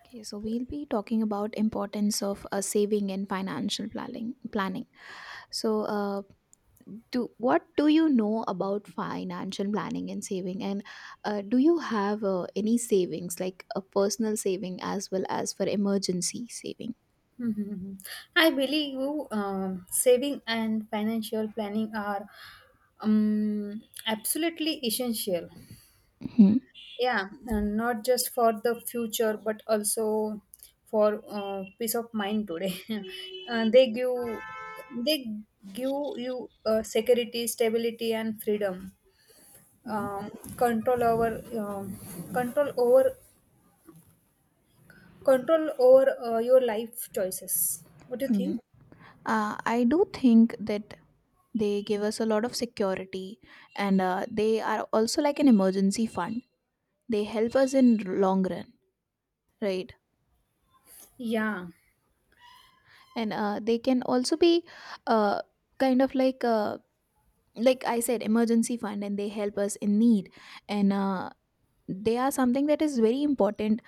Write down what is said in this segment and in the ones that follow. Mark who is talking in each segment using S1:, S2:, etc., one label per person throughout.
S1: Okay, so we'll be talking about importance of saving and financial planning. So, uh, do what do you know about financial planning and saving? And do you have any savings, like a personal saving as well as for emergency saving?
S2: Mhm. I believe you. Saving and financial planning are absolutely essential.
S1: Hmm.
S2: Yeah, and not just for the future, but also for peace of mind today. uh, they give they give you security, stability, and freedom.
S1: Hmm.
S2: Um, Control over control over your life choices. What do you
S1: Hmm.
S2: think?
S1: I do think that they give us a lot of security, and they are also like an emergency fund. They help us in long run, right?
S2: Yeah.
S1: And they can also be uh, kind of like I said emergency fund, and they help us in need. And they are something that is very important,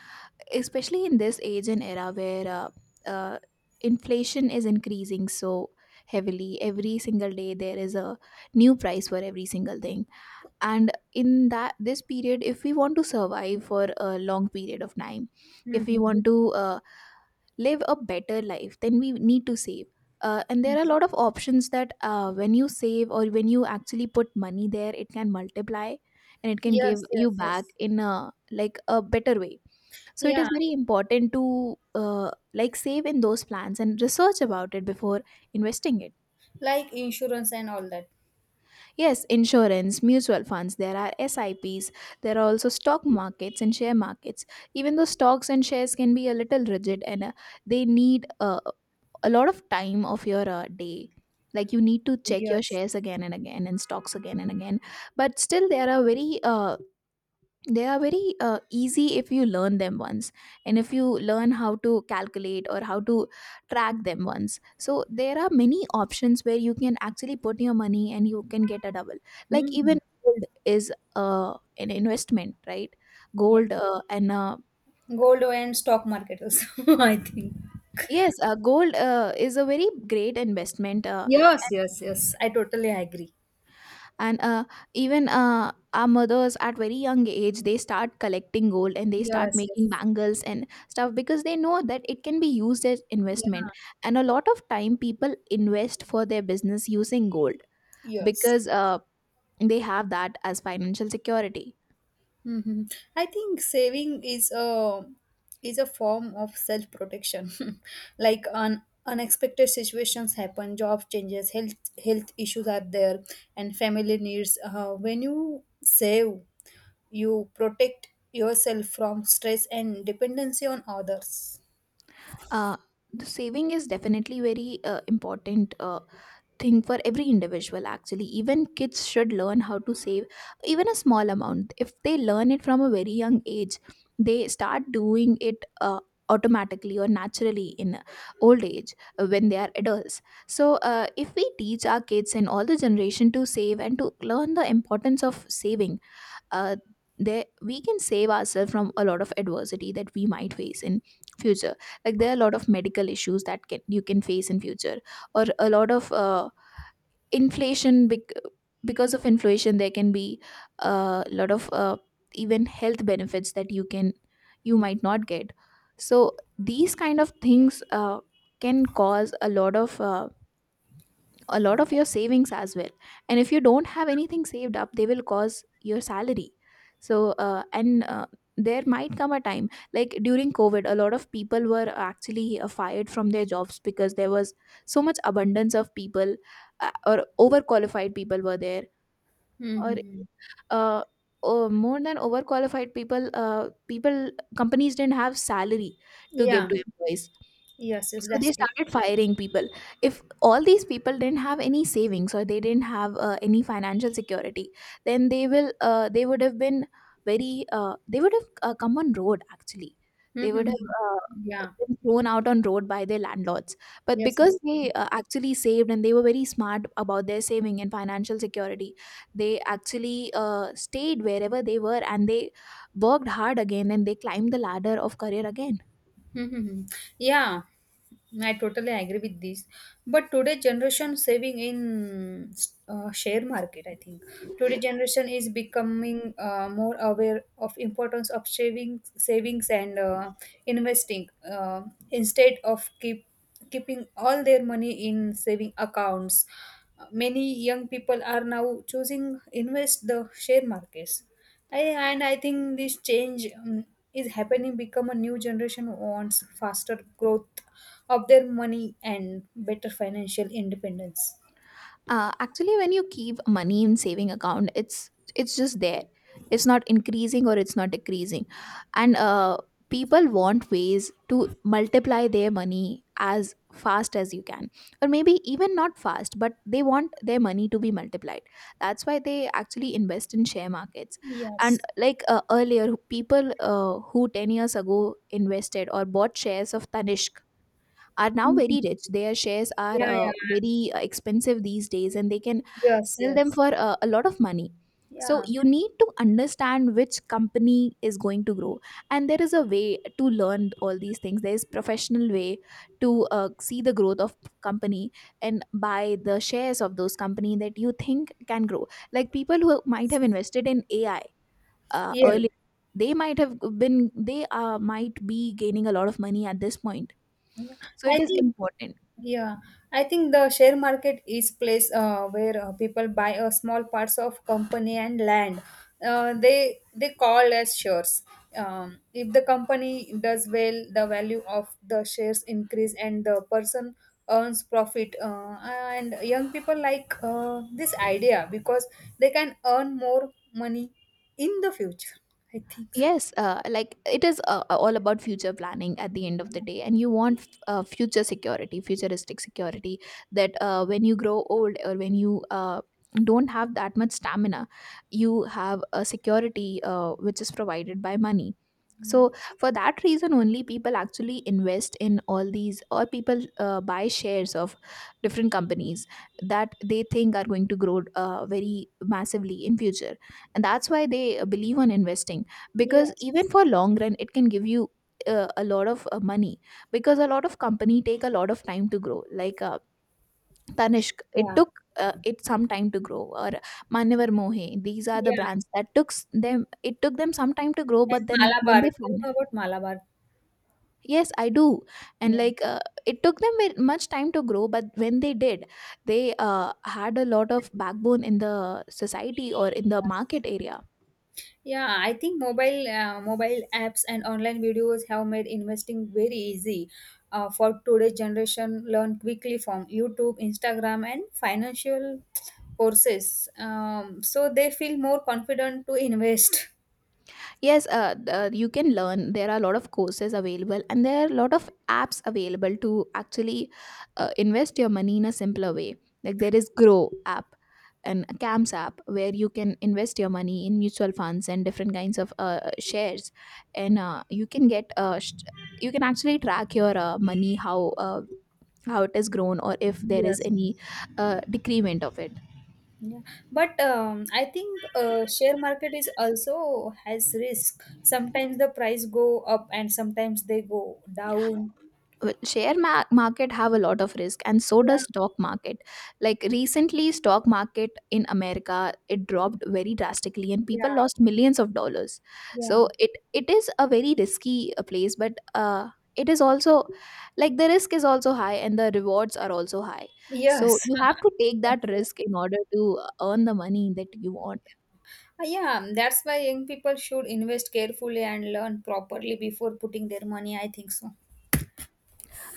S1: especially in this age and era where uh, inflation is increasing so heavily. Every single day there is a new price for every single thing, and in that this period, if we want to survive for a long period of time, if we
S2: Hmm.
S1: want to live a better life, then we need to save. And there are a lot of options that when you save or when you actually put money there, it can multiply and it can give
S2: Yes, yes,
S1: you back
S2: yes.
S1: in a like a better way. So it is
S2: Yeah,
S1: very important to like save in those plans and research about it before investing it.
S2: like insurance and all that.
S1: Yes, insurance, mutual funds, there are S I Ps. There are also stock markets and share markets. Even though stocks and shares can be a little rigid, and they need a lot of time of your day. Like you need to check your
S2: Yes.
S1: shares again and again and stocks again and again. But still, there are very they are very easy if you learn them once, and if you learn how to calculate or how to track them once, so there are many options where you can actually put your money and you can get a double. Like even
S2: Hmm.
S1: gold is an investment, right?
S2: Yeah.
S1: Gold and
S2: Gold and stock market also, I think.
S1: yes, gold is a very great investment
S2: Yes, yes, yes. I totally agree.
S1: and Even our mothers at very young age, they start collecting gold and they start
S2: Yes,
S1: making
S2: yes.
S1: bangles and stuff because they know that it can be used as
S2: Yeah.
S1: investment. And a lot of time people invest for their business using gold,
S2: Yes.
S1: because they have that as financial security.
S2: Hmm. I think saving is a form of self protection. Like unexpected situations happen, job changes, health issues are there, and family needs. When you save you protect yourself from stress and dependency on others.
S1: uh, the saving is definitely very important thing for every individual. Actually, even kids should learn how to save. Even a small amount if they learn it from a very young age, they start doing it automatically or naturally in old age when they are adults. So if we teach our kids and all the generation to save and to learn the importance of saving, uh, there we can save ourselves from a lot of adversity that we might face in future. Like there are a lot of medical issues that can you can face in future, or a lot of inflation bec- because of inflation there can be a lot of even health benefits that you can you might not get. So these kind of things can cause a lot of a lot of your savings as well, and if you don't have anything saved up, they will cause your salary. So and there might come a time, like during covid a lot of people were actually fired from their jobs because there was so much abundance of people, or overqualified people were there, or
S2: Mm-hmm.
S1: uh, more than overqualified people, companies didn't have salary to give
S2: Yeah.
S1: to employees,
S2: Yes, yes,
S1: so
S2: that's
S1: they
S2: true.
S1: started firing people. If all these people didn't have any savings or they didn't have any financial security, then they would have been very they would have come on road actually. They would
S2: Mm-hmm.
S1: have
S2: Yeah.
S1: been thrown out on road by their landlords. But
S2: Yes.
S1: because
S2: Yes.
S1: they actually saved and they were very smart about their saving and financial security, they actually stayed wherever they were, and they worked hard again and they climbed the ladder of career again.
S2: Mm-hmm. Yeah. I totally agree with this. But today generation saving in share market, I think. Today generation is becoming more aware of importance of savings and investing instead of keeping all their money in saving accounts. Many young people are now choosing invest the share markets. I, and I think this change is happening become a new generation who wants faster growth of their money and better financial independence.
S1: Actually, when you keep money in saving account, it's just there. It's not increasing or it's not decreasing. And people want ways to multiply their money as fast as you can, or maybe even not fast, but they want their money to be multiplied. That's why they actually invest in share markets. And
S2: Yes.
S1: like earlier people who 10 years ago invested or bought shares of tanishq are now
S2: Mhm.
S1: very rich. Their shares are
S2: Yeah, yeah.
S1: very expensive these days and they can
S2: Yes,
S1: sell them
S2: yes.
S1: for a lot of money. So
S2: Yeah,
S1: you need to understand which company is going to grow. And there is a way to learn all these things. There is professional way to see the growth of company and buy the shares of those company that you think can grow. Like people who might have invested in AI
S2: yeah.
S1: earlier, they might have been they might be gaining a lot of money at this point.
S2: Yeah.
S1: So it
S2: I
S1: is
S2: think.
S1: important.
S2: Yeah, I think the share market is place where people buy a small parts of company and land. They call as shares. If the company does well, the value of the shares increase and the person earns profit. And young people like this idea because they can earn more money in the future. I think so.
S1: Yes, like it is all about future planning at the end of the day, and you want future security, futuristic security. That when you grow old or when you don't have that much stamina, you have a security which is provided by money. So for that reason only, people actually invest in all these, or people buy shares of different companies that they think are going to grow very massively in future, and that's why they believe on investing, because even
S2: Yes.
S1: for long run it can give you a lot of money. Because a lot of company take a lot of time to grow, like tanishq, it
S2: Yeah.
S1: took it some time to grow. Or Manyavar Mohe, these are the
S2: Yeah.
S1: brands that took s- them it took them some time to grow, but
S2: And
S1: then when
S2: Malabar. Do
S1: they found.
S2: you know about Malabar?
S1: Yes, i do. And
S2: Yeah.
S1: like it took them very much time to grow, but when they did, they had a lot of backbone in the society or in the market area.
S2: Yeah, I think mobile apps and online videos have made investing very easy for today's generation. Learn quickly from YouTube, Instagram, and financial courses, so they feel more confident to invest.
S1: Yes, you can learn. There are a lot of courses available, and there are a lot of apps available to actually invest your money in a simpler way. Like there is Grow app and Camps app where you can invest your money in mutual funds and different kinds of shares, and you can you can actually track your money, how it has grown or if there is
S2: Yes.
S1: any decrement of it.
S2: Yeah, but I think share market is also has risk. Sometimes the price go up and sometimes they go down.
S1: Well, market have a lot of risk, and so
S2: Yeah,
S1: does stock market. Like recently stock market in america, it dropped very drastically and people
S2: yeah,
S1: lost millions of dollars. So
S2: yeah.
S1: it is a very risky place, but it is also like the risk is also high and the rewards are also high. So
S2: Yes.
S1: you have to take that
S2: Exactly.
S1: risk in order to earn the money that you want.
S2: Yeah, that's why young people should invest carefully and learn properly before putting their money. I think so.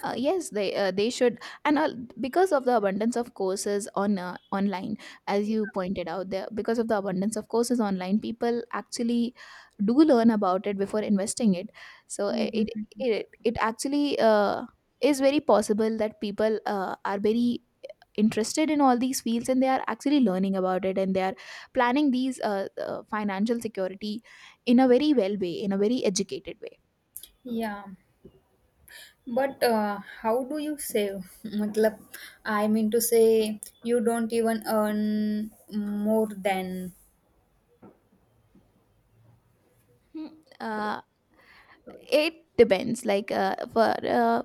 S1: Yes, they should. And because of the abundance of courses on online, as you pointed out there, because of the abundance of courses online, people actually do learn about it before investing it. So
S2: Mhm.
S1: it actually is very possible that people are very interested in all these fields, and they are actually learning about it, and they are planning these financial security in a very well way, in a very educated way.
S2: Yeah, but how do you save? मतलब, I mean to say, you don't even earn more than.
S1: Hmm. Uh, it depends, like for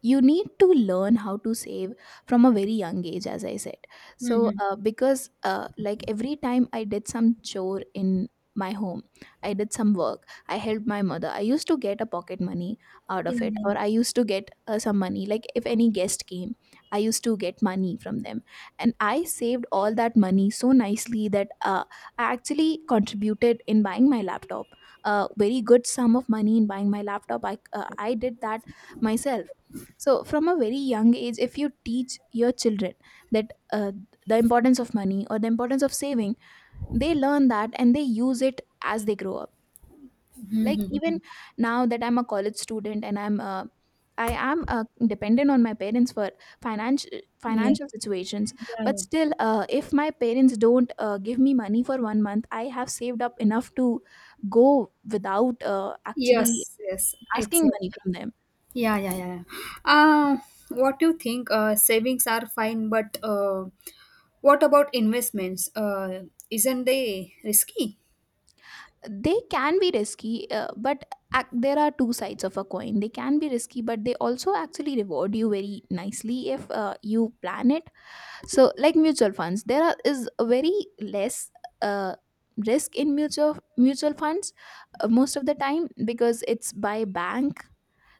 S1: you need to learn how to save from a very young age, as I said. So
S2: Mhm.
S1: because like every time I did some chore in my home, I did some work, I helped my mother, I used to get a pocket money out
S2: Yeah,
S1: of it,
S2: yeah.
S1: or I used to get some money, like if any guest came I used to get money from them, and I saved all that money so nicely that I actually contributed in buying my laptop, a very good sum of money in buying my laptop. I did that myself. So from a very young age, if you teach your children that the importance of money or the importance of saving, they learn that and they use it as they grow up. Like
S2: Mhm.
S1: even now that I'm a college student and I'm I am dependent on my parents for financial
S2: Yeah.
S1: financial situations,
S2: Yeah,
S1: but
S2: yeah.
S1: still, if my parents don't give me money for 1 month, I have saved up enough to go without actually
S2: Yes, yes,
S1: asking
S2: exactly.
S1: money from them.
S2: Yeah, yeah, yeah. Yeah. Uh, what do you think? Savings are fine, but what about investments? Isn't they risky?
S1: They can be risky, but there are two sides of a coin. They can be risky, but they also actually reward you very nicely if you plan it. So like mutual funds, is a very less uh, risk in mutual funds most of the time, because it's by bank.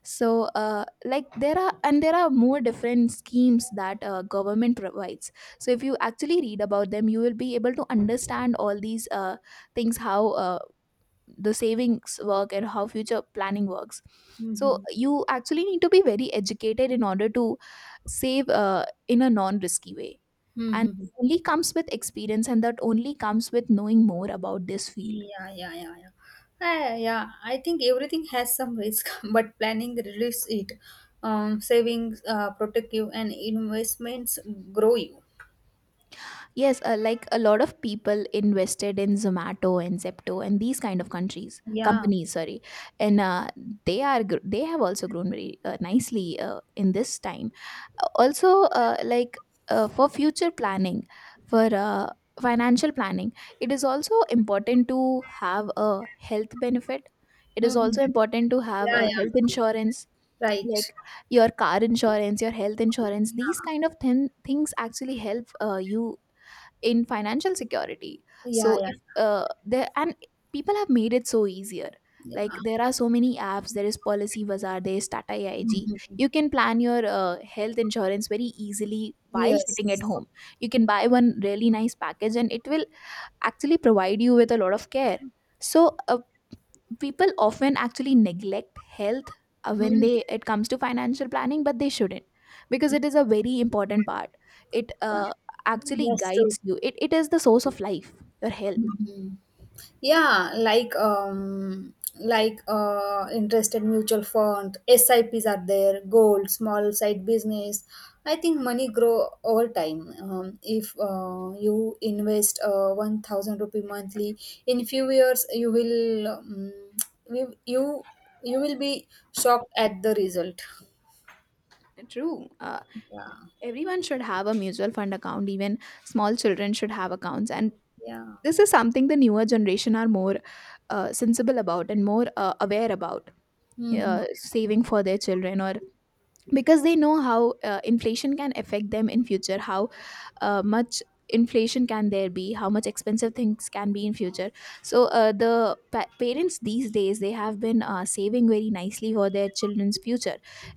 S1: So like there are, and there are more different schemes that government provides. So if you actually read about them, you will be able to understand all these things, how the savings work and how future planning works. So
S2: Mm-hmm.
S1: you actually need to be very educated in order to save in a non risky way, and
S2: Mm-hmm.
S1: only comes with experience, and that only comes with knowing more about this field.
S2: Yeah, yeah, yeah, yeah. Yeah, I think everything has some risk, but planning relieves it. Savings protect you, and investments grow you.
S1: Yes, like a lot of people invested in Zomato and Zepto, and these kind of countries,
S2: Yeah.
S1: companies, sorry, and they are they have also grown very nicely in this time. Also, like for future planning, for financial planning, it is also important to have a health benefit. It is
S2: Mm-hmm.
S1: also important to have
S2: Yeah,
S1: a
S2: yeah.
S1: health insurance,
S2: Right.
S1: like your car insurance, your health insurance. These kind of things actually help you in financial security.
S2: Yeah,
S1: So
S2: yeah,
S1: if there and people have made it so easier, like
S2: yeah.
S1: there are so many apps, there is Policy Bazaar, there is Tata AIG.
S2: Mhm.
S1: You can plan your health insurance very easily while sitting at
S2: Yes.
S1: home. You can buy one really nice package, and it will actually provide you with a lot of care. So people often actually neglect health when they it comes to financial planning, but they shouldn't, because it is a very important part. It actually
S2: That's true.
S1: guides you. It is the source of life, your health.
S2: Mhm. Yeah, like interested mutual fund, S I P's are there, gold, small side business. I think money grow over time. If you invest 1000 rupee monthly, in few years you will you you you will be shocked at the result.
S1: True.
S2: Yeah,
S1: Everyone should have a mutual fund account. Even small children should have accounts, and
S2: yeah,
S1: this is something the newer generation are more sensible about and more aware about,
S2: hmm,
S1: saving for their children, or because they know how inflation can affect them in future, how much inflation can there be, how much expensive things can be in future. So the parents these days, they have been saving very nicely for their children's future.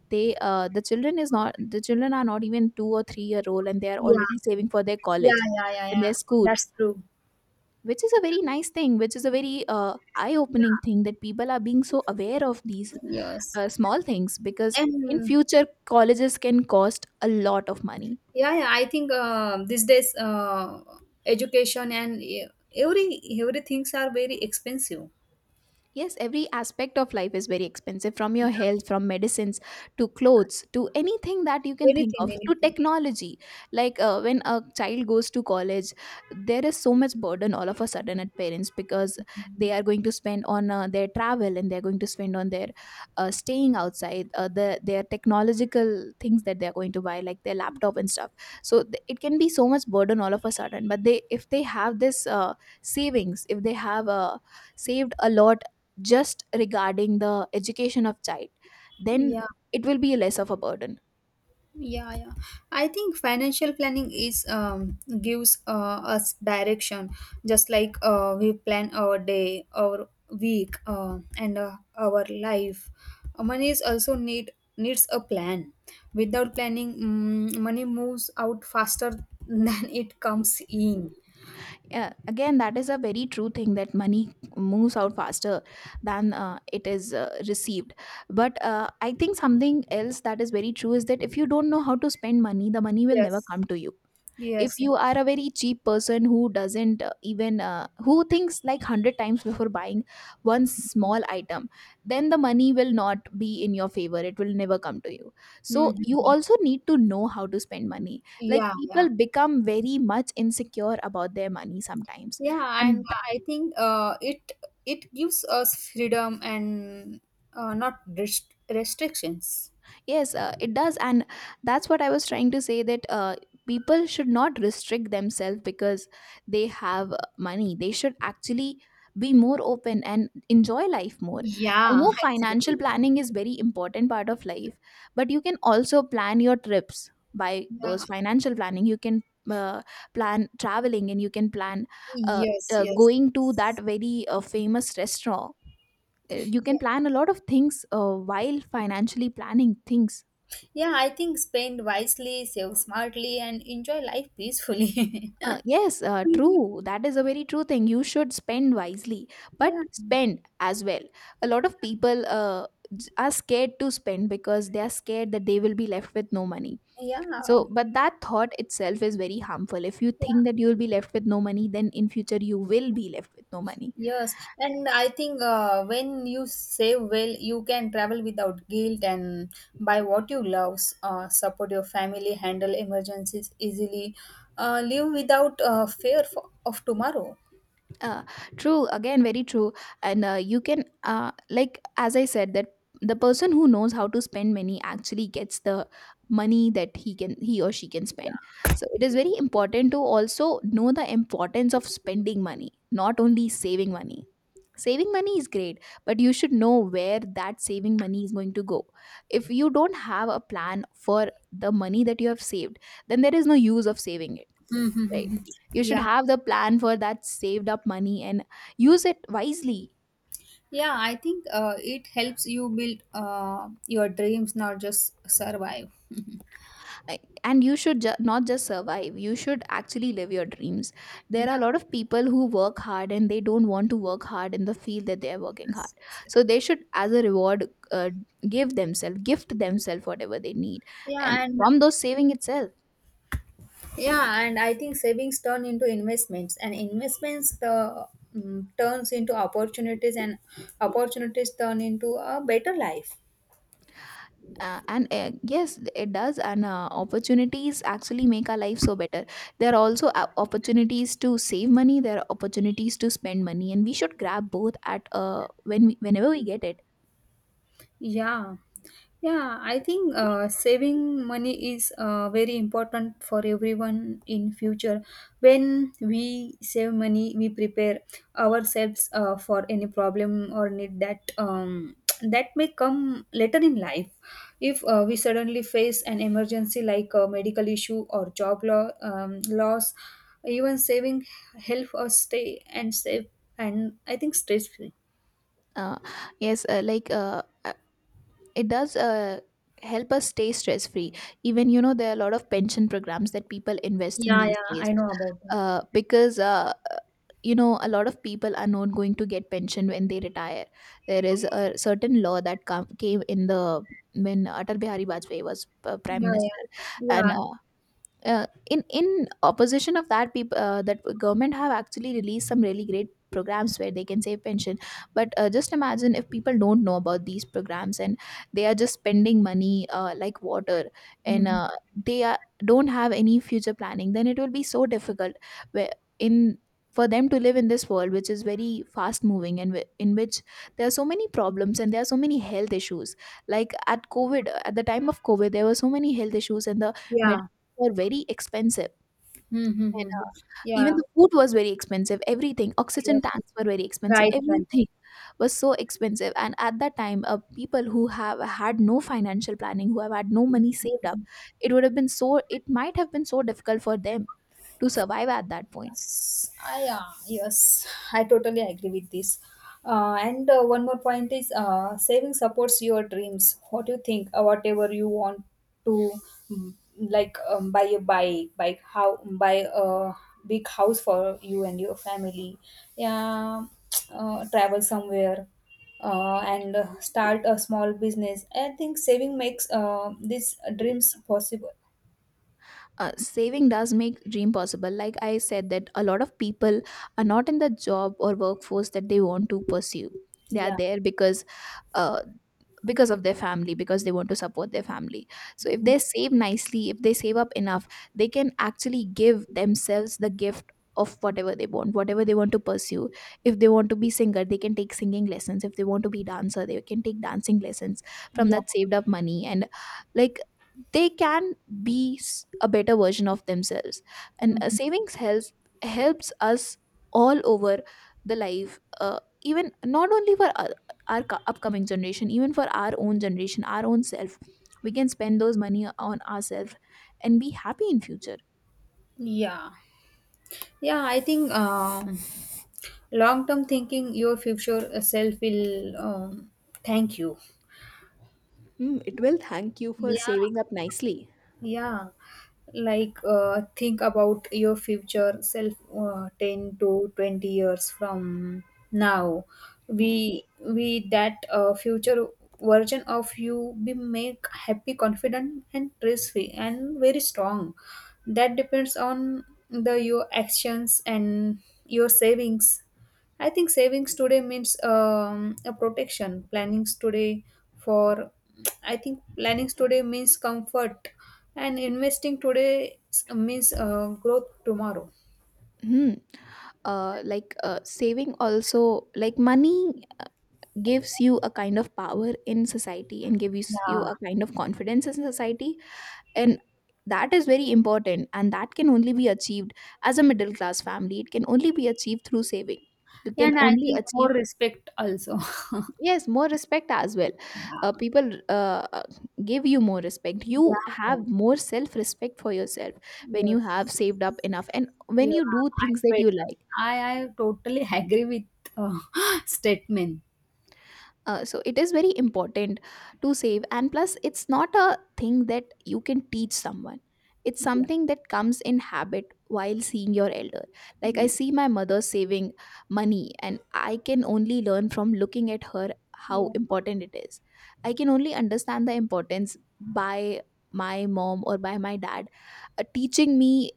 S1: The children are not even 2 or 3-year old, and they are
S2: yeah,
S1: already saving for their college
S2: yeah, yeah, yeah,
S1: and
S2: yeah.
S1: their school,
S2: That's true.
S1: which is a very nice thing, which is a very eye opening
S2: Yeah.
S1: thing, that people are being so aware of these
S2: Yes.
S1: small things, because in
S2: And
S1: future colleges can cost a lot of money.
S2: yeah, yeah, I think these days education and every things are very expensive.
S1: Yes, every aspect of life is very expensive, from your
S2: Yeah,
S1: health, from medicines to clothes to anything that you can think of,
S2: anything,
S1: to
S2: anything.
S1: technology. Like when a child goes to college, there is so much burden all of a sudden at parents, because they are going to spend on their travel, and they're going to spend on their staying outside, their technological things that they're going to buy, like their laptop and stuff. So it can be so much burden all of a sudden. But they, if they have this savings, if they have saved a lot just regarding the education of child, then
S2: Yeah,
S1: it will be less of a burden.
S2: yeah, yeah. I think financial planning is gives us direction, just like we plan our day, our week, and our life. Money is also needs a plan. Without planning, money moves out faster than it comes in.
S1: Yeah, again, that is a very true thing, that money moves out faster than it is received. But I think something else that is very true is that if you don't know how to spend money, the money will never
S2: Yes.
S1: come to you. If
S2: Yes.
S1: you
S2: Yes.
S1: are a very cheap person who doesn't even who thinks like 100 times before buying one small item, then the money will not be in your favor. It will never come to you. So you
S2: Mm-hmm.
S1: also need to know how to spend money, like
S2: Yeah, yeah.
S1: people become very much insecure about their money sometimes.
S2: Yeah, and
S1: And
S2: I think it gives us freedom and not restrictions.
S1: yes, it does, and that's what I was trying to say, that people should not restrict themselves because they have money. They should actually be more open and enjoy life more. I
S2: Yeah,
S1: know financial
S2: exactly.
S1: planning is very important part of life, but you can also plan your trips by those
S2: Yeah.
S1: financial planning. You can uh, plan traveling, and you can plan uh,
S2: Yes, yes.
S1: going to that
S2: Yes.
S1: very famous restaurant. You can
S2: Yeah.
S1: plan a lot of things while financially planning things.
S2: Yeah, I think spend wisely, save smartly, and enjoy life peacefully.
S1: Yes, true. That is a very true thing. You should spend wisely,
S2: Yeah,
S1: but spend as well. A lot of people are scared to spend because they are scared that they will be left with no money.
S2: yeah,
S1: So, but that thought itself is very harmful. If you think
S2: yeah.
S1: that you will be left with no money, then in future you will be left with no money.
S2: Yes, and I think when you save well, you can travel without guilt and buy what you love, support your family, handle emergencies easily, live without fear of tomorrow.
S1: Uh, True, again, very true. And you can, like, as I said, that the person who knows how to spend money actually gets the money that he or she can spend. So it is very important to also know the importance of spending money, not only saving money. Saving money is great, but you should know where that saving money is going to go. If you don't have a plan for the money that you have saved, then there is no use of saving it, right?
S2: Mm-hmm.
S1: You should
S2: Yeah,
S1: have the plan for that saved up money, and use it wisely.
S2: yeah, I think it helps you build your dreams, not just survive.
S1: And you should not just survive, you should actually live your dreams. There are a
S2: Yeah,
S1: lot of people who work hard, and they don't want to work hard in the field that they are working hard.
S2: yes, yes, yes.
S1: So they should, as a reward, uh, give themselves, gift themselves whatever they need.
S2: Yeah,
S1: And
S2: and
S1: from those saving itself,
S2: Yeah, and I think savings turn into investments, and investments the mm turns into opportunities, and opportunities turn into a better life.
S1: and yes it does, and opportunities actually make our life so better. There are also opportunities to save money, there are opportunities to spend money, and we should grab both at whenever we get it.
S2: Yeah, yeah. I think saving money is very important for everyone in future. When we save money, we prepare ourselves for any problem or need that may come later in life. If we suddenly face an emergency like a medical issue or job loss, even saving help us stay and save and I think stress free.
S1: uh, yes, it does help us stay stress free. Even, you know, there are a lot of pension programs that people invest in
S2: Yeah,
S1: these
S2: yeah.
S1: days,
S2: I know about that.
S1: because you know, a lot of people are not going to get pension when they retire. There is a certain law that came in the, when Atal Bihari Vajpayee was prime
S2: Yeah,
S1: minister,
S2: yeah,
S1: and
S2: yeah,
S1: in opposition of that people, that government have actually released some really great programs where they can save pension. But just imagine if people don't know about these programs, and they are just spending money like water, and
S2: mhm,
S1: they are, don't have any future planning, then it will be so difficult, where in for them to live in this world, which is very fast moving, and in which there are so many problems and there are so many health issues. Like at COVID, at the time of COVID, there were so many health issues, and the
S2: yeah,
S1: were very expensive, and,
S2: mm-hmm,
S1: even
S2: yeah,
S1: the food was very expensive, everything. Oxygen
S2: yes,
S1: tanks were very expensive.
S2: right, right.
S1: Everything was so expensive, and at that time, people who have had no financial planning, who have had no money saved up, it would have been so, it might have been so difficult for them to survive at that point.
S2: Yes, I totally agree with this. And one more point is saving supports your dreams. What do you think? Whatever you want to, like buy a bike, buy a big house for you and your family. Yeah, travel somewhere. And start a small business. I think saving makes these dreams possible.
S1: Saving does make dream possible, like I said, that a lot of people are not in the job or workforce that they want to pursue. They are
S2: Yeah,
S1: there because uh, of their family, because they want to support their family. So if
S2: Mm-hmm.
S1: they save nicely, if they save up enough, they can actually give themselves the gift of whatever they want, whatever they want to pursue. If they want to be singer, they can take singing lessons. If they want to be dancer, they can take dancing lessons from
S2: Yeah,
S1: that saved up money, and like they can be a better version of themselves. And
S2: Mhm.
S1: savings helps, helps us all over the life, even not only for our upcoming generation, even for our own generation, our own self, we can spend those money on ourselves and be happy in future.
S2: Yeah. Yeah, I think long term thinking, your future self will thank you.
S1: Hmm, it will thank you for saving
S2: Yeah,
S1: up nicely.
S2: yeah, like think about your future self 10 to 20 years from now.
S1: Hmm.
S2: We we that future version of you, be make happy, confident, and stress free, and very strong. That depends on the your actions and your savings. I think savings today means a protection. Plannings today for I think plannings today means comfort, and investing today means growth tomorrow.
S1: Hmm. Saving also like money gives you a kind of power in society and gives you
S2: Yeah.
S1: a kind of confidence in society, and that is very important, and that can only be achieved as a middle class family. It can only be achieved through saving. You can
S2: And I
S1: only
S2: think
S1: achieve,
S2: more respect also.
S1: yes, more respect as well.
S2: Yeah.
S1: People give you more respect, you
S2: Yeah. Yeah.
S1: have more self respect for yourself when you have
S2: Yes.
S1: saved up enough and when
S2: Yeah,
S1: you do
S2: I
S1: things that you
S2: better.
S1: like.
S2: I totally agree with uh, statement.
S1: So it is very important to save, and plus it's not a thing that you can teach someone. It's
S2: Yeah.
S1: something that comes in habit while seeing your elder. Like I
S2: Mm.
S1: see my mother saving money, and I can only learn from looking at her how
S2: Yeah.
S1: important it is. I can only understand the importance by my mom or by my dad teaching me,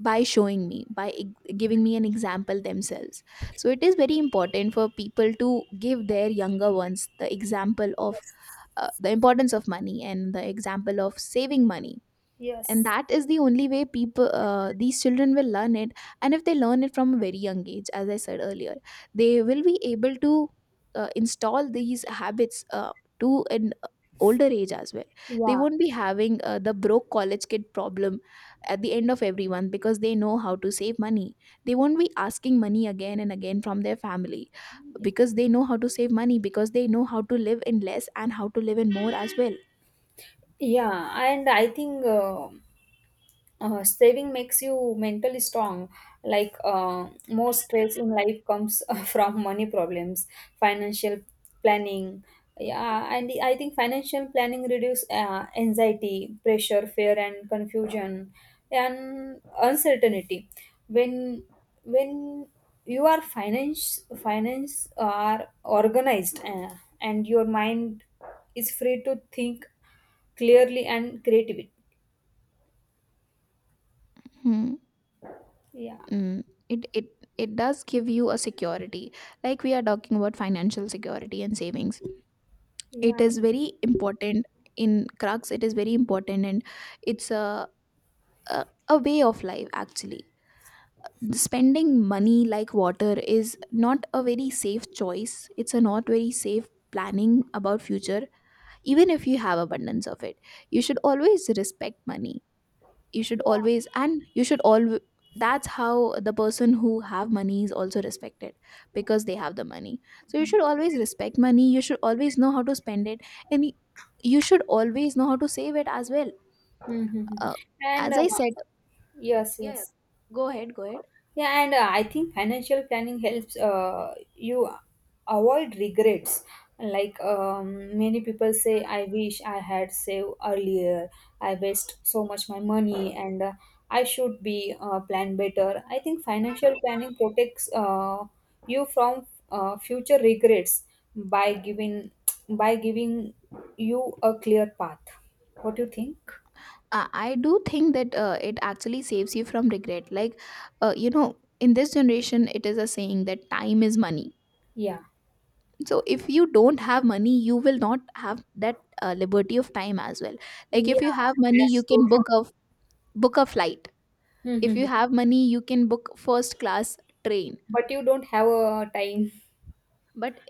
S1: by showing me, by giving me an example themselves. So it is very important for people to give their younger ones the example of
S2: Yes.
S1: the importance of money and the example of saving money, and
S2: Yes.
S1: that is the only way people, these children will learn it. And if they learn it from a very young age, as I said earlier, they will be able to install these habits, to an older age as well. They
S2: Yeah.
S1: won't be having the broke college kid problem at the end of every month, because they know how to save money. They won't be asking money again and again from their family, because they know how to save money, because they know how to live in less and how to live in more as well.
S2: Yeah. And I think. Saving makes you mentally strong, like most stress in life comes from money problems, financial planning. Yeah, and I think financial planning reduce anxiety, pressure, fear, and confusion and uncertainty. When when you are finance are organized, and your mind is free to think clearly and creatively.
S1: Hmm.
S2: Yeah,
S1: It it does give you a security. Like we are talking about financial security and savings, it
S2: yeah.
S1: is very important. In crux it is very important, and it's a, a way of life actually. Spending money like water is not a very safe choice, it's a not very safe planning about future. Even if you have abundance of it, you should always respect money, you should always, and you should always. That's how the person who have money is also respected, because they have the money. So you should always respect money, you should always know how to spend it, and y- you should always know how to save it as well.
S2: Mm-hmm.
S1: uh,
S2: And
S1: as I said,
S2: yes,
S1: yeah, yeah,
S2: yes.
S1: go ahead, go ahead.
S2: Yeah, and I think financial planning helps you avoid regrets. Like many people say, I wish I had saved earlier. I waste so much my money, and I should be planned better. I think financial planning protects you from future regrets by giving by giving you a clear path. What do you think?
S1: I do think that it actually saves you from regret. Like, you know, in this generation it is a saying that time is money.
S2: Yeah.
S1: So if you don't have money, you will not have that liberty of time as well. Like
S2: Yeah,
S1: if you have money, you
S2: that's so
S1: can book a flight.
S2: true. Hmm,
S1: If
S2: hmm, hmm.
S1: you have money, you can book first class train.
S2: But you don't have a time.
S1: but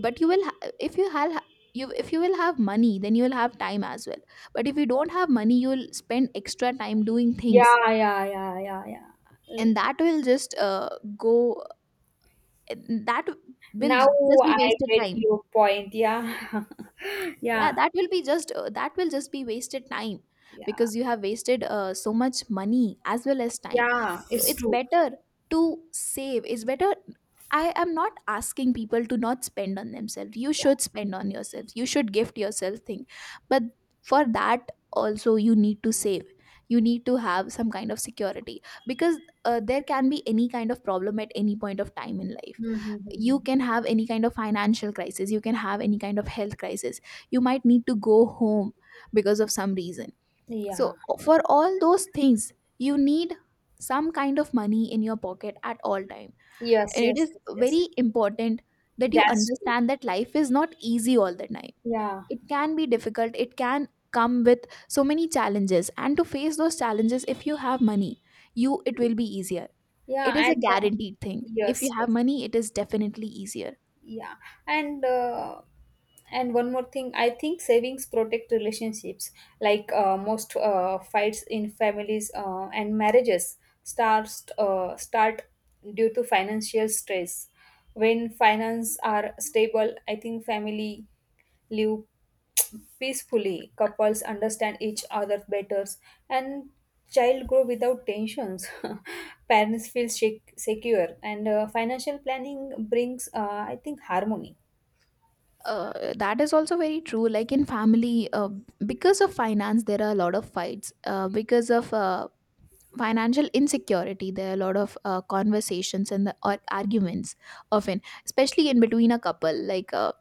S1: but you if you have, you if you will have money, then you will have time as well. But if you don't have money, you will spend extra time doing things,
S2: Yeah, yeah, yeah, yeah, yeah. Mm.
S1: and that will just go that will
S2: Now
S1: just be
S2: I
S1: wasted
S2: get
S1: time.
S2: your point. Yeah,
S1: Yeah,
S2: yeah,
S1: that will be just that will just be wasted time,
S2: yeah,
S1: because you have wasted so much money as well as time.
S2: yeah.
S1: So
S2: It's
S1: it's
S2: true.
S1: better to save, it's better. I am not asking people to not spend on themselves, you should spend on yourselves, you should gift yourself thing. But for that also you need to save. You need to have some kind of security, because there can be any kind of problem at any point of time in life.
S2: Hmm, hmm, hmm,
S1: You
S2: hmm.
S1: can have any kind of financial crisis, you can have any kind of health crisis, you might need to go home because of some reason. So
S2: Yeah.
S1: for all those things you need some kind of money in your pocket at all time.
S2: Yes,
S1: And it
S2: yes,
S1: is
S2: yes, yes.
S1: very important that you
S2: That's true.
S1: understand that life is not easy all the time.
S2: Yeah,
S1: It can be difficult, it can come with so many challenges, and to face those challenges, if you have money, you, it will be easier. It
S2: yeah,
S1: is a
S2: and
S1: guaranteed thing, if you
S2: yes,
S1: have
S2: yes.
S1: money it is definitely easier.
S2: Yeah, and uh, and one more thing, I think savings protect relationships like most fights in families and marriages start due to financial stress. When finance are stable, I think family live peacefully, couples understand each other better, and child grow without tensions. Parents feel secure, and financial planning brings, I think, harmony.
S1: That is also very true. Like in family, because of finance, there are a lot of fights. Because of financial insecurity, there are a lot of conversations and the, or arguments often, especially in between a couple. Like uh,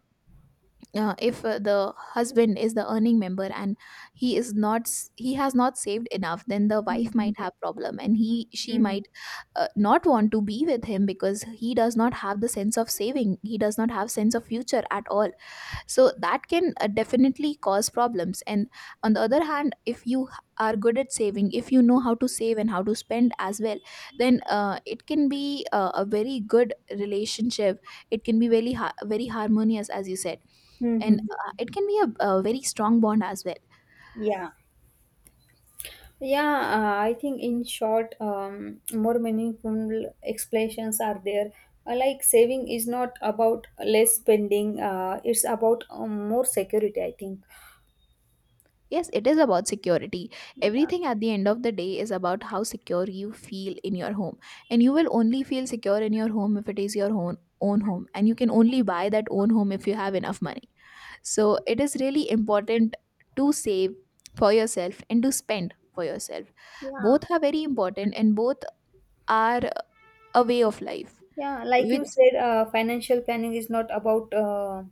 S1: uh, if the husband is the earning member, and he is not, he has not saved enough, then the wife might
S2: Mhm.
S1: have problem and he she
S2: Mm.
S1: might not want to be with him, because he does not have the sense of saving. He does not have sense of future at all. So that can definitely cause problems. And on the other hand, if you are good at saving, if you know how to save and how to spend as well, then it can be a very good relationship. It can be very harmonious, as you said, and
S2: Mhm.
S1: it can be a very strong bond as well.
S2: Yeah, yeah. I think in short, more meaningful explanations are there. Like saving is not about less spending. It's about more security. I think.
S1: Yes, it is about security.
S2: Yeah.
S1: Everything at the end of the day is about how secure you feel in your home, and you will only feel secure in your home if it is your own home, and you can only buy that own home if you have enough money. So it is really important to save for yourself and to spend for yourself.
S2: Yeah.
S1: Both are very important, and both are a way of life,
S2: Yeah, like you
S1: which
S2: said, financial planning is not about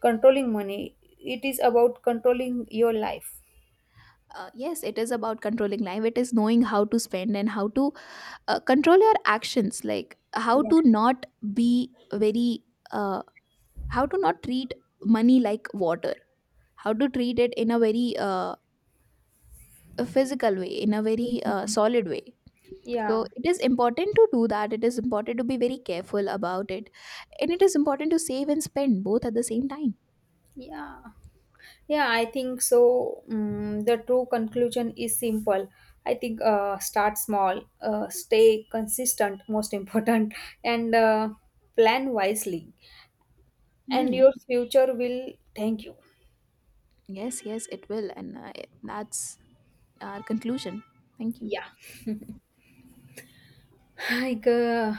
S2: controlling money. It is about controlling your life.
S1: yes, it is about controlling life. It is knowing how to spend and how to control your actions, like how
S2: Yeah.
S1: to not be very, uh, how to not treat money like water, how to treat it in a very physical way, in a very
S2: Mhm.
S1: solid way. So
S2: Yeah.
S1: it is important to do that. It is important to be very careful about it. And it is important to save and spend both at the same time.
S2: Yeah. Yeah, I think so. The true conclusion is simple. I think start small, stay consistent, most important, and plan wisely. And
S1: Hmm.
S2: your future will thank you.
S1: Yes, yes, it will. And that's our conclusion. Thank you.
S2: Yeah. Hi, girl.